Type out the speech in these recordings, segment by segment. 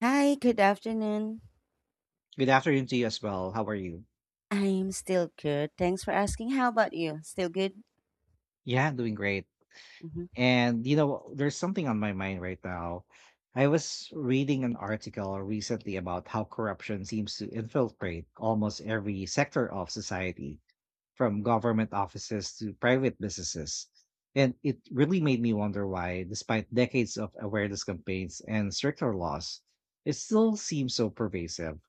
Hi, good afternoon. Good afternoon to you as well. How are you? I'm still good. Thanks for asking. How about you? Still good? Yeah, doing great. hmm There's something on my mind right now. I was reading an article recently about how corruption seems to infiltrate almost every sector of society, from government offices to private businesses. And it really made me wonder why, despite decades of awareness campaigns and stricter laws, it still seems so pervasive.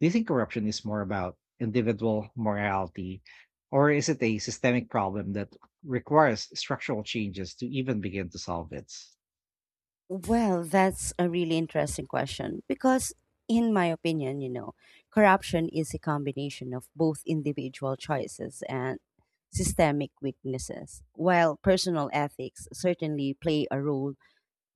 Do you think corruption is more about individual morality, or is it a systemic problem that requires structural changes to even begin to solve it? Well, that's a really interesting question because, in my opinion, you know, corruption is a combination of both individual choices and systemic weaknesses. While personal ethics certainly play a role,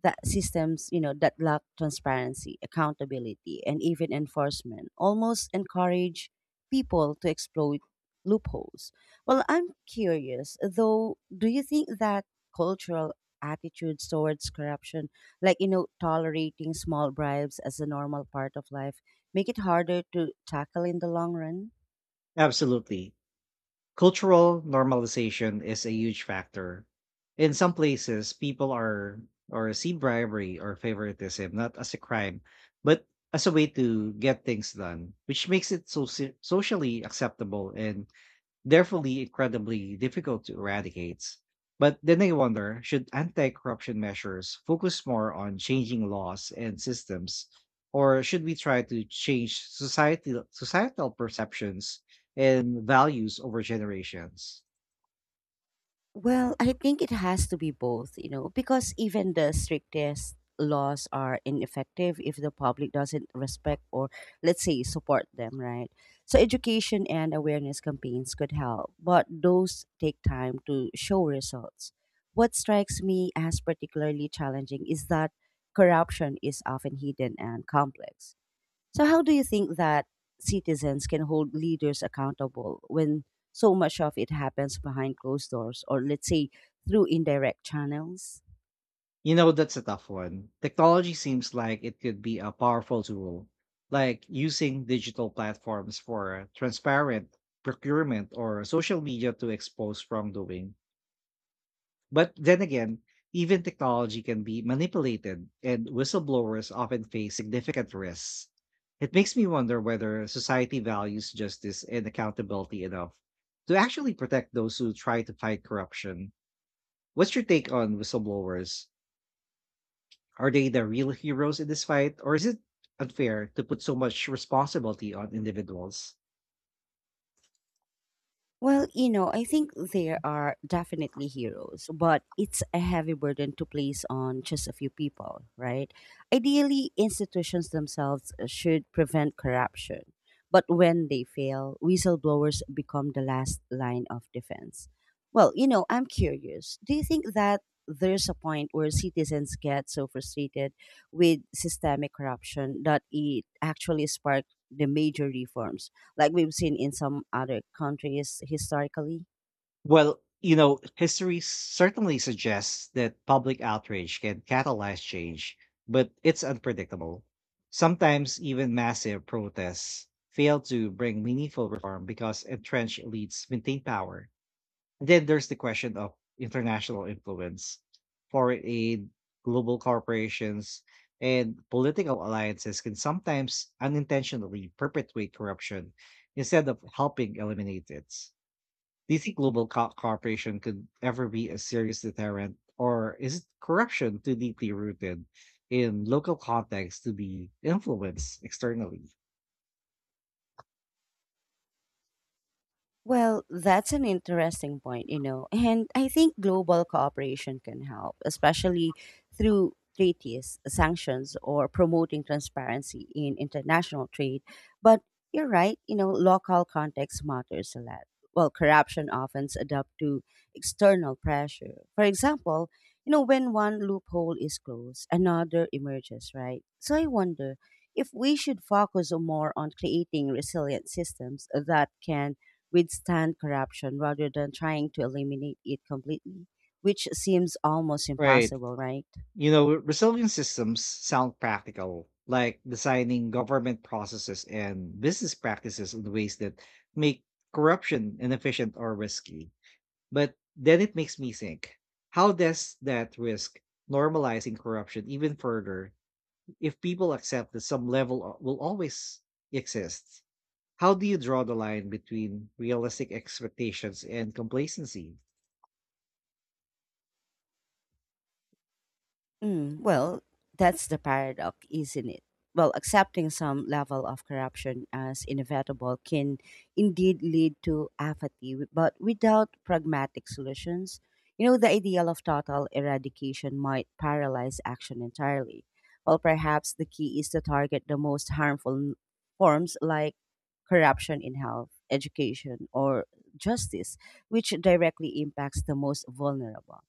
that systems, you know, that lack transparency, accountability, and even enforcement almost encourage people to exploit loopholes. Well, I'm curious though, do you think that cultural attitudes towards corruption, like, you know, tolerating small bribes as a normal part of life, make it harder to tackle in the long run? Absolutely. Cultural normalization is a huge factor. In some places, people are or see bribery or favoritism not as a crime, but as a way to get things done, which makes it so socially acceptable and therefore incredibly difficult to eradicate. But then I wonder, should anti corruption measures focus more on changing laws and systems, or should we try to change societal perceptions and values over generations? Well, I think it has to be both, you know, because even the strictest laws are ineffective if the public doesn't respect or, let's say, support them, right? So, education and awareness campaigns could help, but those take time to show results. What strikes me as particularly challenging is that corruption is often hidden and complex. So, how do you think that citizens can hold leaders accountable when so much of it happens behind closed doors or, let's say, through indirect channels? You know, that's a tough one. Technology seems like it could be a powerful tool, like using digital platforms for transparent procurement or social media to expose wrongdoing. But then again, even technology can be manipulated, and whistleblowers often face significant risks. It makes me wonder whether society values justice and accountability enough to actually protect those who try to fight corruption. What's your take on whistleblowers? Are they the real heroes in this fight, or is it unfair to put so much responsibility on individuals? Well, you know, I think there are definitely heroes, but it's a heavy burden to place on just a few people, right? Ideally, institutions themselves should prevent corruption. But when they fail, whistleblowers become the last line of defense. Well, you know, I'm curious. Do you think that there's a point where citizens get so frustrated with systemic corruption that it actually sparks the major reforms, like we've seen in some other countries historically? History certainly suggests that public outrage can catalyze change, but it's unpredictable. Sometimes even massive protests fail to bring meaningful reform because entrenched elites maintain power. And then there's the question of international influence, foreign aid, global corporations, and political alliances can sometimes unintentionally perpetuate corruption instead of helping eliminate it. Do you think global cooperation could ever be a serious deterrent, or is it corruption too deeply rooted in local contexts to be influenced externally? Well, that's an interesting point, you know, and I think global cooperation can help, especially through treaties, sanctions, or promoting transparency in international trade. But you're right, you know, local context matters a lot. Well, corruption often adapt to external pressure. For example, you know, when one loophole is closed, another emerges, right? So I wonder if we should focus more on creating resilient systems that can withstand corruption rather than trying to eliminate it completely, which seems almost Right. impossible, right? You know, resilient systems sound practical, like designing government processes and business practices in ways that make corruption inefficient or risky. But then it makes me think, how does that risk normalizing corruption even further? If people accept that will always exist, how do you draw the line between realistic expectations and complacency? Mm, well, that's the paradox, isn't it? Well, accepting some level of corruption as inevitable can indeed lead to apathy, but without pragmatic solutions, you know, the ideal of total eradication might paralyze action entirely. Well, perhaps the key is to target the most harmful forms, like corruption in health, education, or justice, which directly impacts the most vulnerable.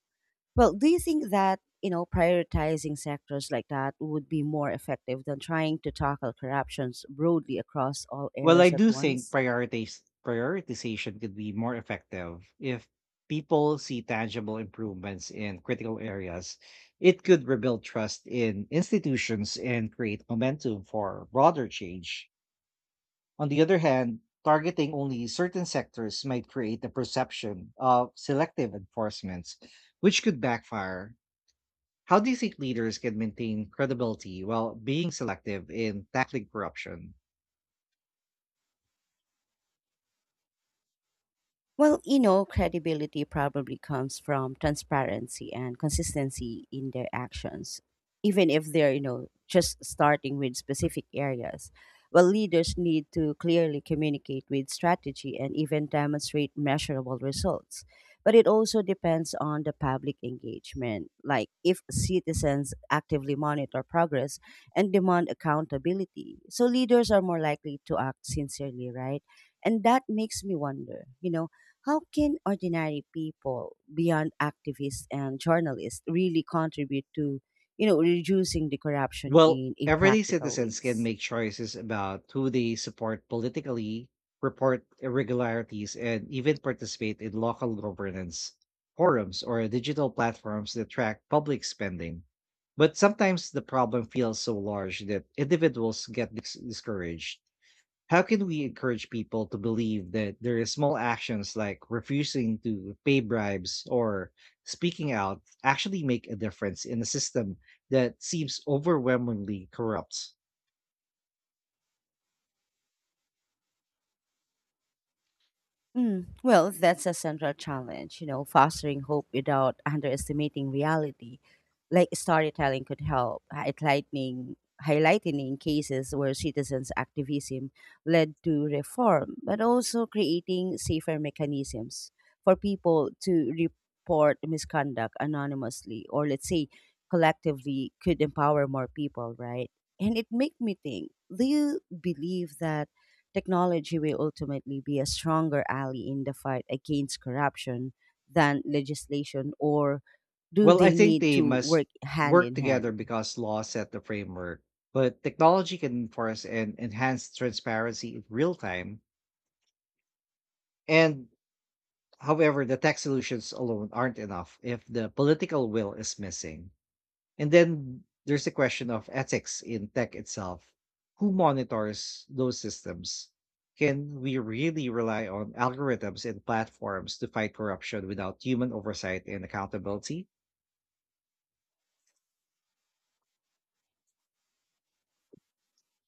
Well, do you think that, you know, prioritizing sectors like that would be more effective than trying to tackle corruptions broadly across all Well, I areas at do think once? Prioritization could be more effective if people see tangible improvements in critical areas. It could rebuild trust in institutions and create momentum for broader change. On the other hand, targeting only certain sectors might create the perception of selective enforcements, which could backfire. How do you think leaders can maintain credibility while being selective in tackling corruption? Well, you know, credibility probably comes from transparency and consistency in their actions, even if they're, you know, just starting with specific areas. Well, leaders need to clearly communicate with strategy and even demonstrate measurable results. But it also depends on the public engagement. Like, if citizens actively monitor progress and demand accountability, so leaders are more likely to act sincerely, right? And that makes me wonder, you know, how can ordinary people, beyond activists and journalists, really contribute to, you know, reducing the corruption Well, in a everyday practical citizens can ways? make choices about who they support politically, report irregularities, and even participate in local governance forums or digital platforms that track public spending. But sometimes the problem feels so large that individuals get discouraged. How can we encourage people to believe that their small actions, like refusing to pay bribes or speaking out, actually make a difference in a system that seems overwhelmingly corrupt? Mm, well, that's a central challenge, you know, fostering hope without underestimating reality. Like storytelling could help, highlighting cases where citizens' activism led to reform, but also creating safer mechanisms for people to report misconduct anonymously or, let's say, collectively could empower more people, right? And it made me think, do you believe that technology will ultimately be a stronger ally in the fight against corruption than legislation, or do Well, I they think need they to must work hand work in together hand? because laws set the framework, but technology can enforce and enhance transparency in real time. And however, the tech solutions alone aren't enough if the political will is missing. And then there's the question of ethics in tech itself. Who monitors those systems? Can we really rely on algorithms and platforms to fight corruption without human oversight and accountability?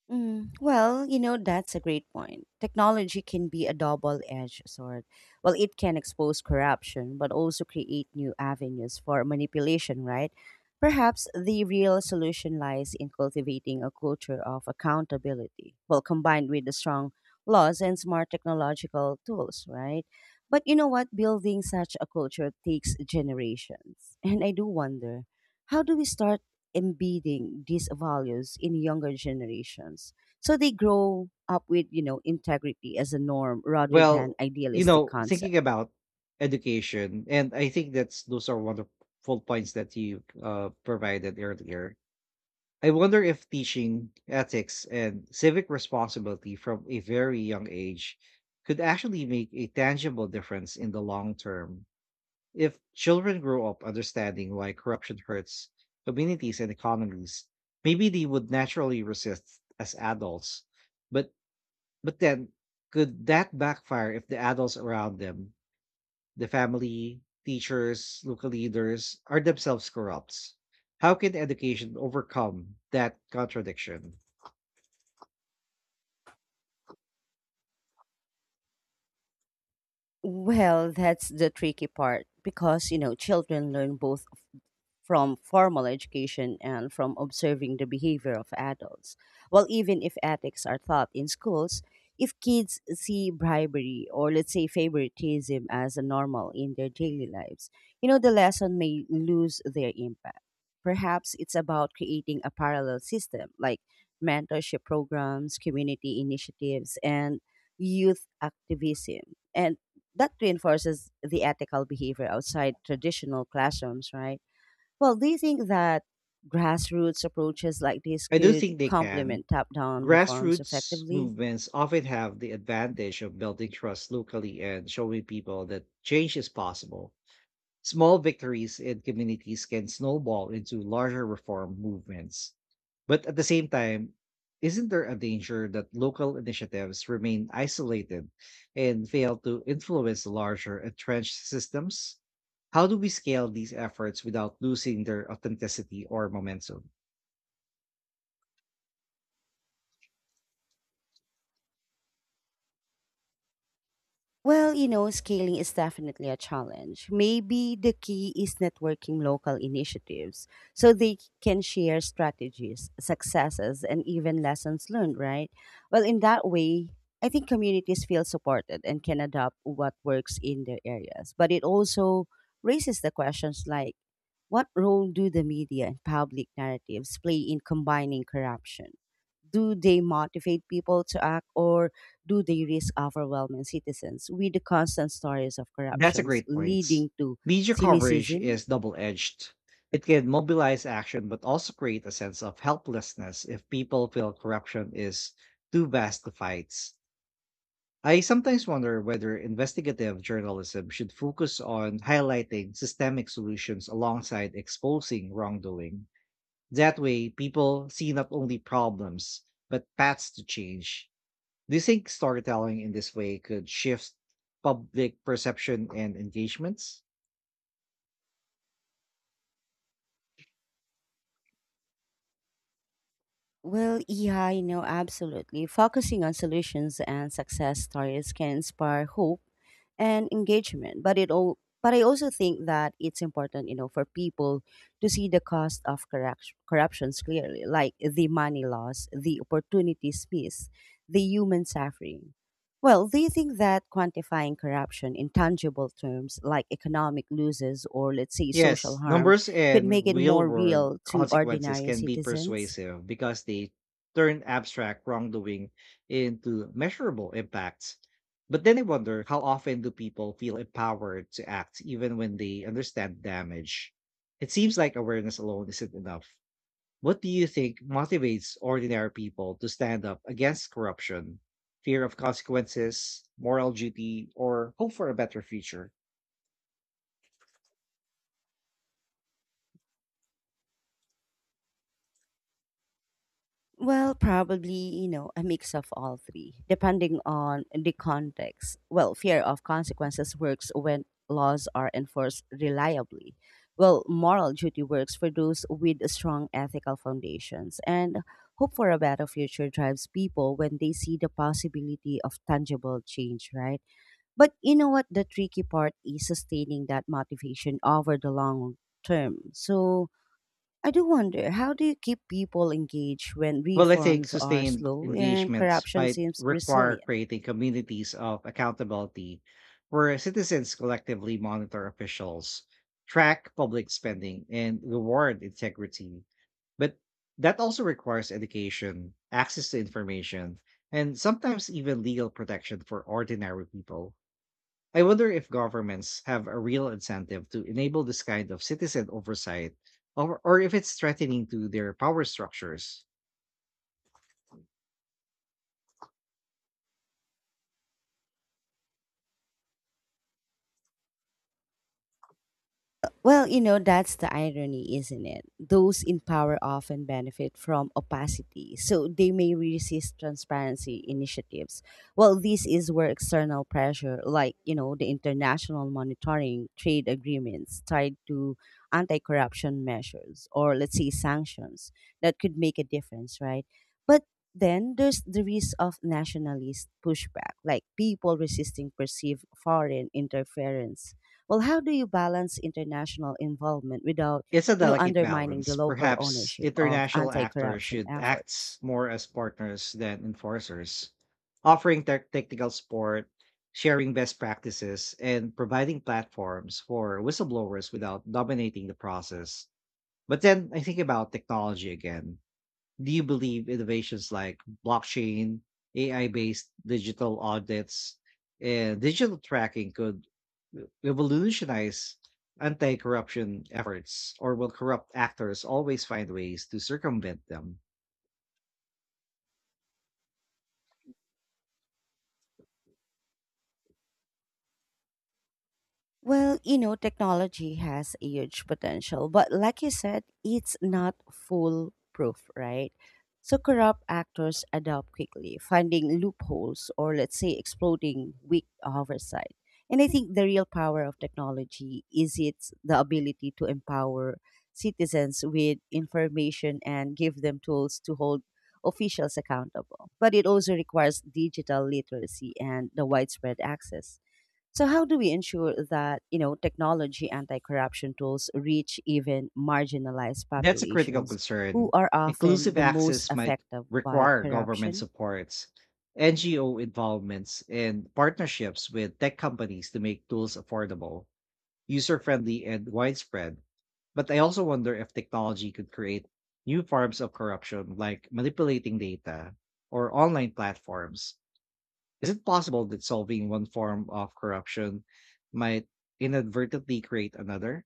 Mm, well, you know, that's a great point. Technology can be a double edged sword. Well, it can expose corruption, but also create new avenues for manipulation, right? Perhaps the real solution lies in cultivating a culture of accountability, well, combined with the strong laws and smart technological tools, right? But you know what? Building such a culture takes generations. And I do wonder, how do we start embedding these values in younger generations so they grow up with, you know, integrity as a norm rather than Well, idealistic concept? thinking about education, and I think that's those are wonderful points that you provided earlier. I wonder if teaching ethics and civic responsibility from a very young age could actually make a tangible difference in the long term. If children grow up understanding why corruption hurts communities and economies, maybe they would naturally resist as adults. But but then could that backfire if the adults around them, the family, teachers, local leaders, are themselves corrupt? How can education overcome that contradiction? Well, that's the tricky part because, you know, children learn both from formal education and from observing the behavior of adults. Well, even if ethics are taught in schools, if kids see bribery or, let's say, favoritism as a normal in their daily lives, you know, the lesson may lose their impact. Perhaps it's about creating a parallel system like mentorship programs, community initiatives, and youth activism. And that reinforces the ethical behavior outside traditional classrooms, right? Well, do you think that grassroots approaches like this I do could think they can. complement top down reforms Grassroots effectively? movements often have the advantage of building trust locally and showing people that change is possible. Small victories in communities can snowball into larger reform movements. But at the same time, isn't there a danger that local initiatives remain isolated and fail to influence larger entrenched systems? How do we scale these efforts without losing their authenticity or momentum? Well, you know, scaling is definitely a challenge. Maybe the key is networking local initiatives so they can share strategies, successes, and even lessons learned, right? Well, in that way, I think communities feel supported and can adopt what works in their areas. But it also raises the questions like, what role do the media and public narratives play in combining corruption? Do they motivate people to act, or do they risk overwhelming citizens with the constant stories of That's a corruptions great point. leading to Media coverage cynicism? is double edged. It can mobilize action, but also create a sense of helplessness if people feel corruption is too vast to fight. I sometimes wonder whether investigative journalism should focus on highlighting systemic solutions alongside exposing wrongdoing. That way, people see not only problems, but paths to change. Do you think storytelling in this way could shift public perception and engagements? Well, yeah, you know, absolutely. Focusing on solutions and success stories can inspire hope and engagement, but it all, but I also think that it's important, you know, for people to see the cost of corruptions clearly, like the money loss, the opportunities missed, the human suffering. Well, do you think that quantifying corruption in tangible terms, like economic losses or, let's say, social Yes, harm, numbers could and make it real more world real to consequences ordinary can be citizens? persuasive because they turn abstract wrongdoing into measurable impacts. But then I wonder, how often do people feel empowered to act even when they understand damage? It seems like awareness alone isn't enough. What do you think motivates ordinary people to stand up against corruption? Fear of consequences, moral duty, or hope for a better future? Well, probably, you know, a mix of all three, depending on the context. Well, fear of consequences works when laws are enforced reliably. Well, moral duty works for those with strong ethical foundations. And hope for a better future drives people when they see the possibility of tangible change, right? But you know what? The tricky part is sustaining that motivation over the long term. So, I do wonder, how do you keep people engaged when Well, I think reforms are sustained slow and engagements corruption might seems require resilient? creating communities of accountability where citizens collectively monitor officials, track public spending, and reward integrity. But that also requires education, access to information, and sometimes even legal protection for ordinary people. I wonder if governments have a real incentive to enable this kind of citizen oversight, or if it's threatening to their power structures. Well, you know, that's the irony, isn't it? Those in power often benefit from opacity, so they may resist transparency initiatives. Well, this is where external pressure, like, you know, the international monitoring trade agreements tied to anti corruption measures or, let's say, sanctions, that could make a difference, right? But then there's the risk of nationalist pushback, like people resisting perceived foreign interference. Well, how do you balance international involvement without, It's a you know, delicate undermining balance. the local Perhaps ownership of international actors anti-corruption should act efforts? more as partners than enforcers, offering their technical support, sharing best practices, and providing platforms for whistleblowers without dominating the process. But then I think about technology again, do you believe innovations like blockchain, AI based digital audits, and digital tracking could revolutionize anti corruption efforts, or will corrupt actors always find ways to circumvent them? Well, you know, technology has a huge potential, but like you said, it's not foolproof, right? So corrupt actors adapt quickly, finding loopholes or, let's say, exploiting weak oversight. And I think the real power of technology is its the ability to empower citizens with information and give them tools to hold officials accountable. But it also requires digital literacy and the widespread access. So how do we ensure that, you know, technology anti-corruption tools reach even marginalized That's a critical populations who concern. are often Inclusive the most access might affected by require government corruption? supports, NGO involvements, and partnerships with tech companies to make tools affordable, user friendly, and widespread. But I also wonder if technology could create new forms of corruption, like manipulating data or online platforms. Is it possible that solving one form of corruption might inadvertently create another?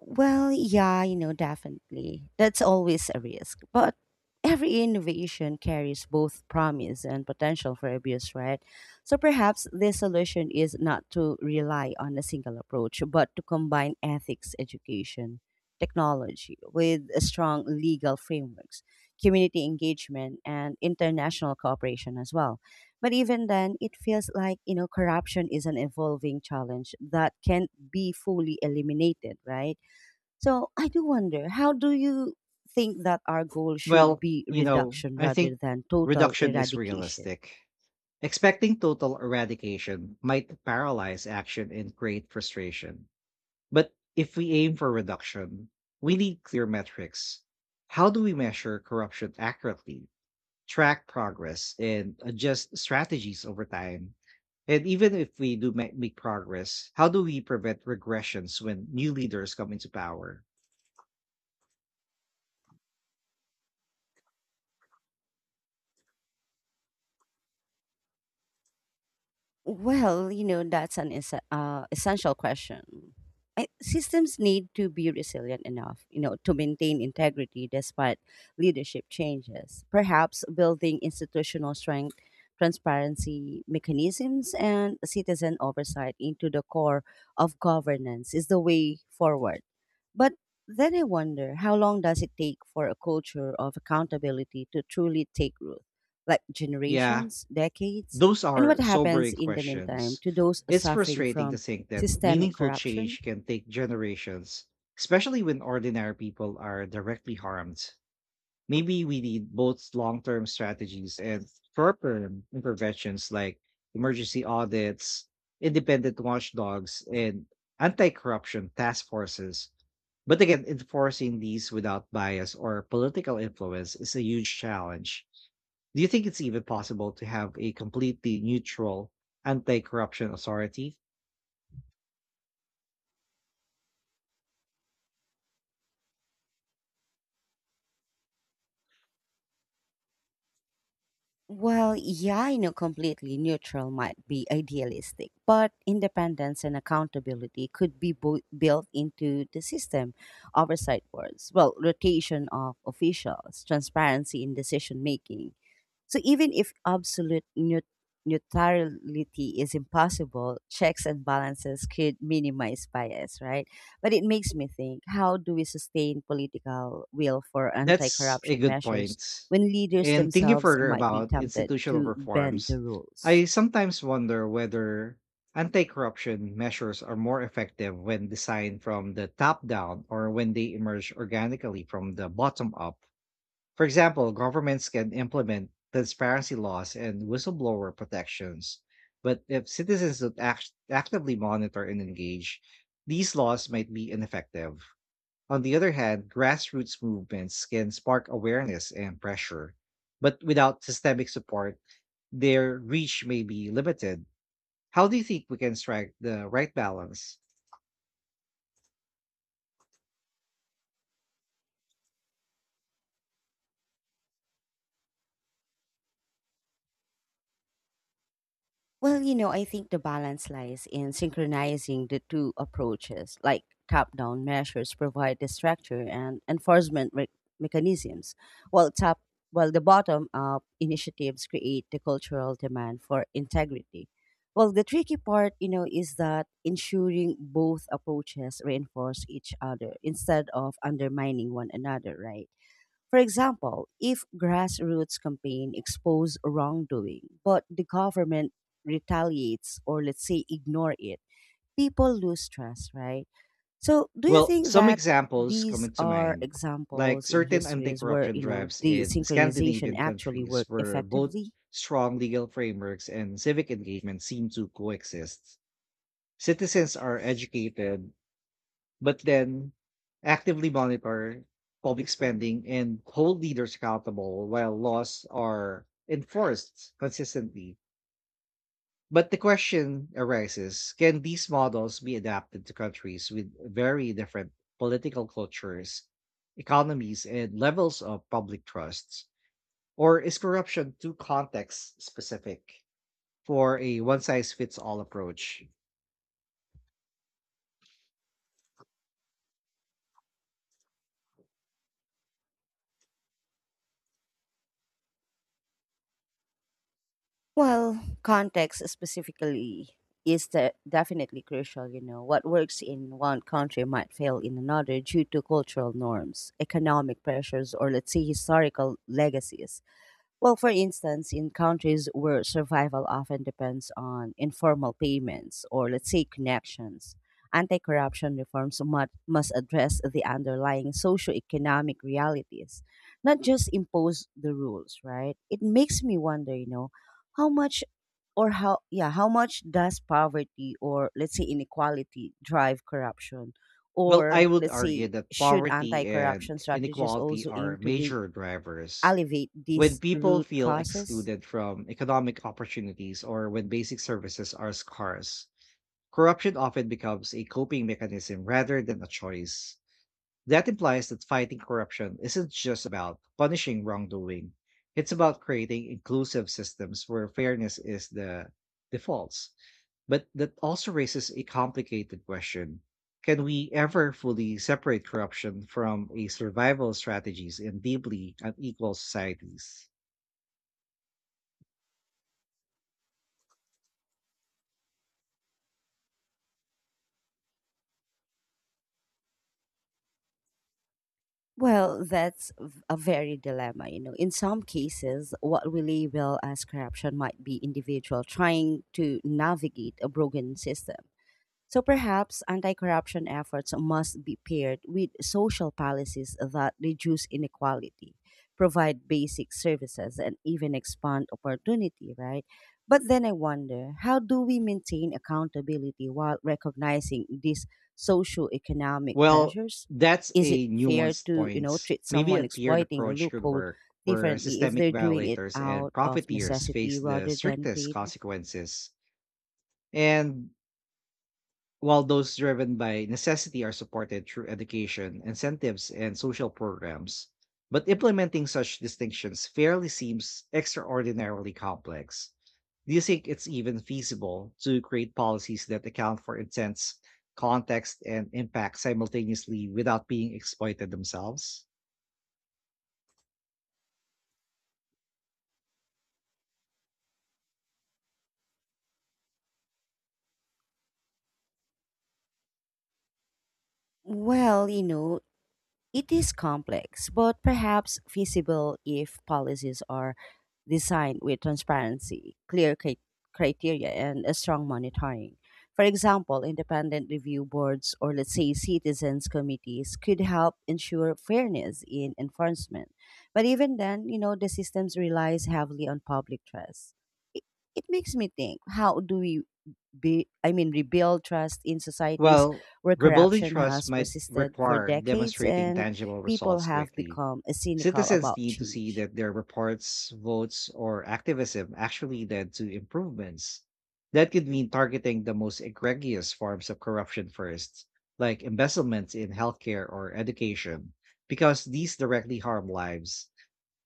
Well, yeah, you know, definitely. That's always a risk. But every innovation carries both promise and potential for abuse, right? So perhaps the solution is not to rely on a single approach, but to combine ethics education, technology with a strong legal frameworks, community engagement, and international cooperation as well. But even then, it feels like, you know, corruption is an evolving challenge that can't be fully eliminated, right? So I do wonder, how do you think that our goal should Well, be reduction I rather think than total reduction is eradication? realistic. Expecting total eradication might paralyze action and create frustration. But if we aim for reduction, we need clear metrics. How do we measure corruption accurately, track progress, and adjust strategies over time? And even if we do make progress, how do we prevent regressions when new leaders come into power? Well, you know, that's an essential question. I, systems need to be resilient enough, you know, to maintain integrity despite leadership changes. Perhaps building institutional strength, transparency mechanisms, and citizen oversight into the core of governance is the way forward. But then I wonder, how long does it take for a culture of accountability to truly take root? Like Yeah, generations, decades? those And are what happens sobering in the meantime questions. to those It's suffering frustrating to from think that systemic meaningful corruption? change can take generations, especially when ordinary people are directly harmed. Maybe we need both long term strategies and short term interventions like emergency audits, independent watchdogs, and anti corruption task forces. But again, enforcing these without bias or political influence is a huge challenge. Do you think it's even possible to have a completely neutral anti corruption authority? Well, yeah, I know completely neutral might be idealistic, but independence and accountability could be built into the system. Oversight boards, well, rotation of officials, transparency in decision making, so even if absolute neutrality is impossible, checks and balances could minimize bias, right? But it makes me think, how do we sustain political will for anti That's a corruption good measures point. when leaders And thinking themselves further might be about tempted institutional to bend reforms, the rules? I sometimes wonder whether anti corruption measures are more effective when designed from the top down or when they emerge organically from the bottom up. For example, governments can implement transparency laws and whistleblower protections, but if citizens don't actively monitor and engage, these laws might be ineffective. On the other hand, grassroots movements can spark awareness and pressure, but without systemic support, their reach may be limited. How do you think we can strike the right balance? Well, you know, I think the balance lies in synchronizing the two approaches. Like top down measures provide the structure and enforcement mechanisms, while, while the bottom up initiatives create the cultural demand for integrity. Well, the tricky part, you know, is that ensuring both approaches reinforce each other instead of undermining one another, right? For example, if grassroots campaign expose wrongdoing, but the government retaliates or, let's say, ignore it, people lose trust, right? So do you Well, think some that examples come these into are mind, like examples in certain anti histories where, corruption drives the in synchronization Scandinavian actually countries worked where both effectively? strong legal frameworks and civic engagement seem to coexist. Citizens are educated, but then actively monitor public spending and hold leaders accountable while laws are enforced consistently. But the question arises, can these models be adapted to countries with very different political cultures, economies, and levels of public trusts? Or is corruption too context specific for a one size fits all approach? Well, context specifically is definitely crucial. You know, what works in one country might fail in another due to cultural norms, economic pressures, or let's say historical legacies. Well, for instance, in countries where survival often depends on informal payments or, let's say, connections, anti corruption reforms must address the underlying socioeconomic realities, not just impose the rules, right? It makes me wonder, how much or how much does poverty or, let's say, inequality drive corruption? Well, Or, I would let's argue say, that should poverty anti and corruption strategies inequality also are aim to be major drivers. alleviate When these people root feel causes? excluded from economic opportunities or when basic services are scarce, corruption often becomes a coping mechanism rather than a choice. That implies that fighting corruption isn't just about punishing wrongdoing. It's about creating inclusive systems where fairness is the default. But that also raises a complicated question. Can we ever fully separate corruption from a survival strategies in deeply unequal societies? Well, that's a very dilemma, you know. In some cases, what we label as corruption might be individual trying to navigate a broken system. So perhaps anti corruption efforts must be paired with social policies that reduce inequality, provide basic services, and even expand opportunity, right? But then I wonder how do we maintain accountability while recognizing these socio-economic Well, pressures? that's Is it a fair nuanced to, point. treat Maybe someone a tiered exploiting a approach could loophole work where differently if systemic they're doing it violators and out of profiteers face necessity the rather than strictest greed? consequences, and while those driven by necessity are supported through education, incentives, and social programs, but implementing such distinctions fairly seems extraordinarily complex. Do you think it's even feasible to create policies that account for intents, context, and impact simultaneously without being exploited themselves? Well, it is complex, but perhaps feasible if policies are designed with transparency, criteria, and a strong monitoring. For example, independent review boards or, let's say, citizens' committees could help ensure fairness in enforcement. But even then, the systems relies heavily on public trust. It, it makes me think how do we be I mean rebuild trust in societies Well, where rebuilding corruption trust has might persisted for require decades demonstrating and tangible people results have quickly. become cynical Citizens about need to see change. that their reports, votes, or activism actually led to improvements. That could mean targeting the most egregious forms of corruption first, like embezzlement in healthcare or education, because these directly harm lives.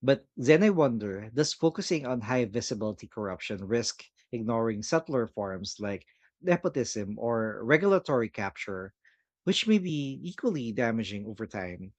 But then I wonder, does focusing on high visibility corruption risk ignoring subtler forms like nepotism or regulatory capture, which may be equally damaging over time?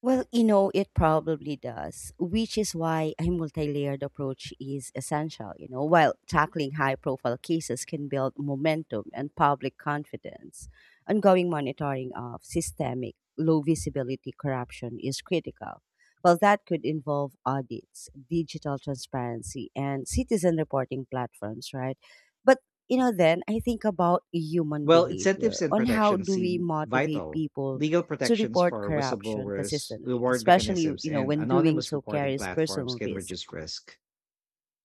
Well, it probably does, which is why a multi-layered approach is essential, you know, while tackling high-profile cases can build momentum and public confidence. Ongoing monitoring of systemic low-visibility corruption is critical. Well, that could involve audits, digital transparency, and citizen reporting platforms, right? But, then I think about human Well, incentives behavior and on how protections do we seem motivate vital. people Legal to protections report for corruption whistleblowers, consistently, reward especially mechanisms, and when doing anonymous so reporting carries platforms personal can risk. reduce risk.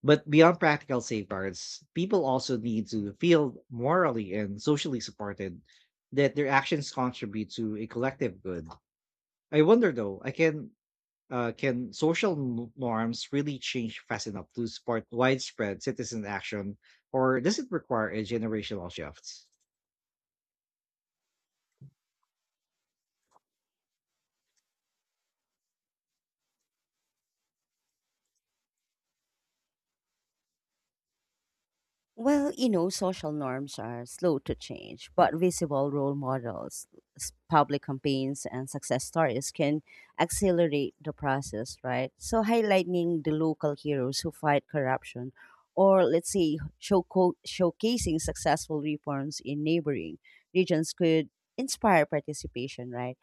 But beyond practical safeguards, people also need to feel morally and socially supported, that their actions contribute to a collective good. I wonder though, I can social norms really change fast enough to support widespread citizen action, or does it require a generational shift? Well, social norms are slow to change, but visible role models, public campaigns, and success stories can accelerate the process, right? So, highlighting the local heroes who fight corruption, or let's say showcasing successful reforms in neighboring regions could inspire participation, right?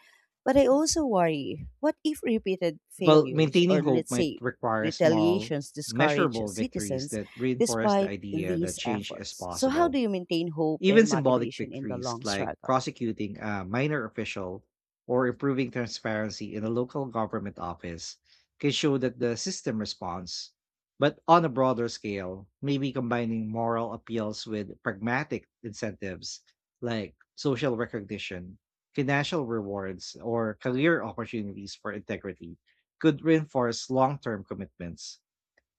But I also worry what if repeated Well, failures, maintaining or hope let's might say require small, retaliations, discourage measurable victories citizens that reinforce the despite idea that these change is efforts. So, how do possible. you maintain hope Even and symbolic motivation in the victories long like struggle? prosecuting a minor official or improving transparency in a local government office can show that the system responds. But on a broader scale, maybe combining moral appeals with pragmatic incentives like social recognition, financial rewards, or career opportunities for integrity could reinforce long term commitments.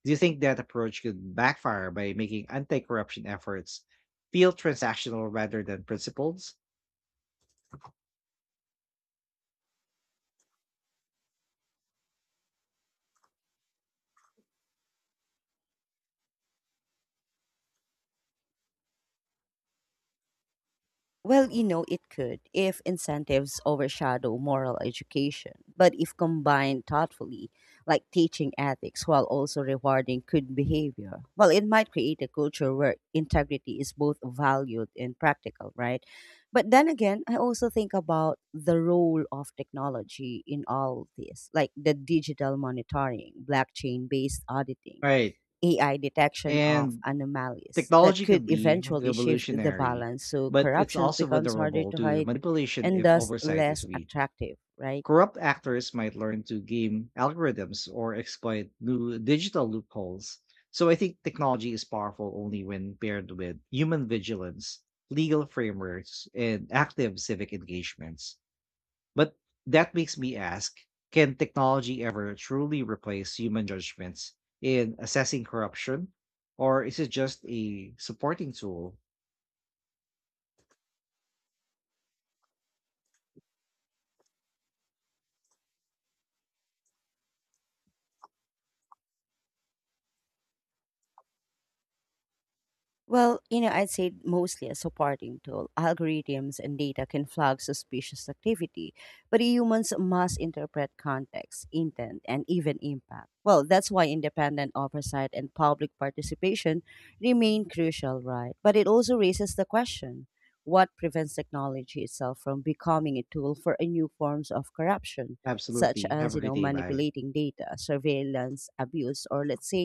Do you think that approach could backfire by making anti-corruption efforts feel transactional rather than principles? Well, it could if incentives overshadow moral education, but if combined thoughtfully, like teaching ethics while also rewarding good behavior, well, it might create a culture where integrity is both valued and practical, right? But then again, I also think about the role of technology in all this, like the digital monitoring, blockchain based auditing Right. AI detection of And anomalies that technology could could be eventually shift the revolutionary, balance so but it's corruption also becomes harder vulnerable to to hide manipulation and if thus oversight is less weak. attractive, right? Corrupt actors might learn to game algorithms or exploit new digital loopholes. So I think technology is powerful only when paired with human vigilance, legal frameworks, and active civic engagements. But that makes me ask, can technology ever truly replace human judgments in assessing corruption? Or is it just a supporting tool? Well, I'd say mostly a supporting tool. Algorithms and data can flag suspicious activity, but humans must interpret context, intent, and even impact. Well, that's why independent oversight and public participation remain crucial, right? But it also raises the question what prevents technology itself from becoming a tool for a new forms of corruption, such Absolutely. as, Have a great day. Bye. manipulating data, surveillance, abuse, or let's say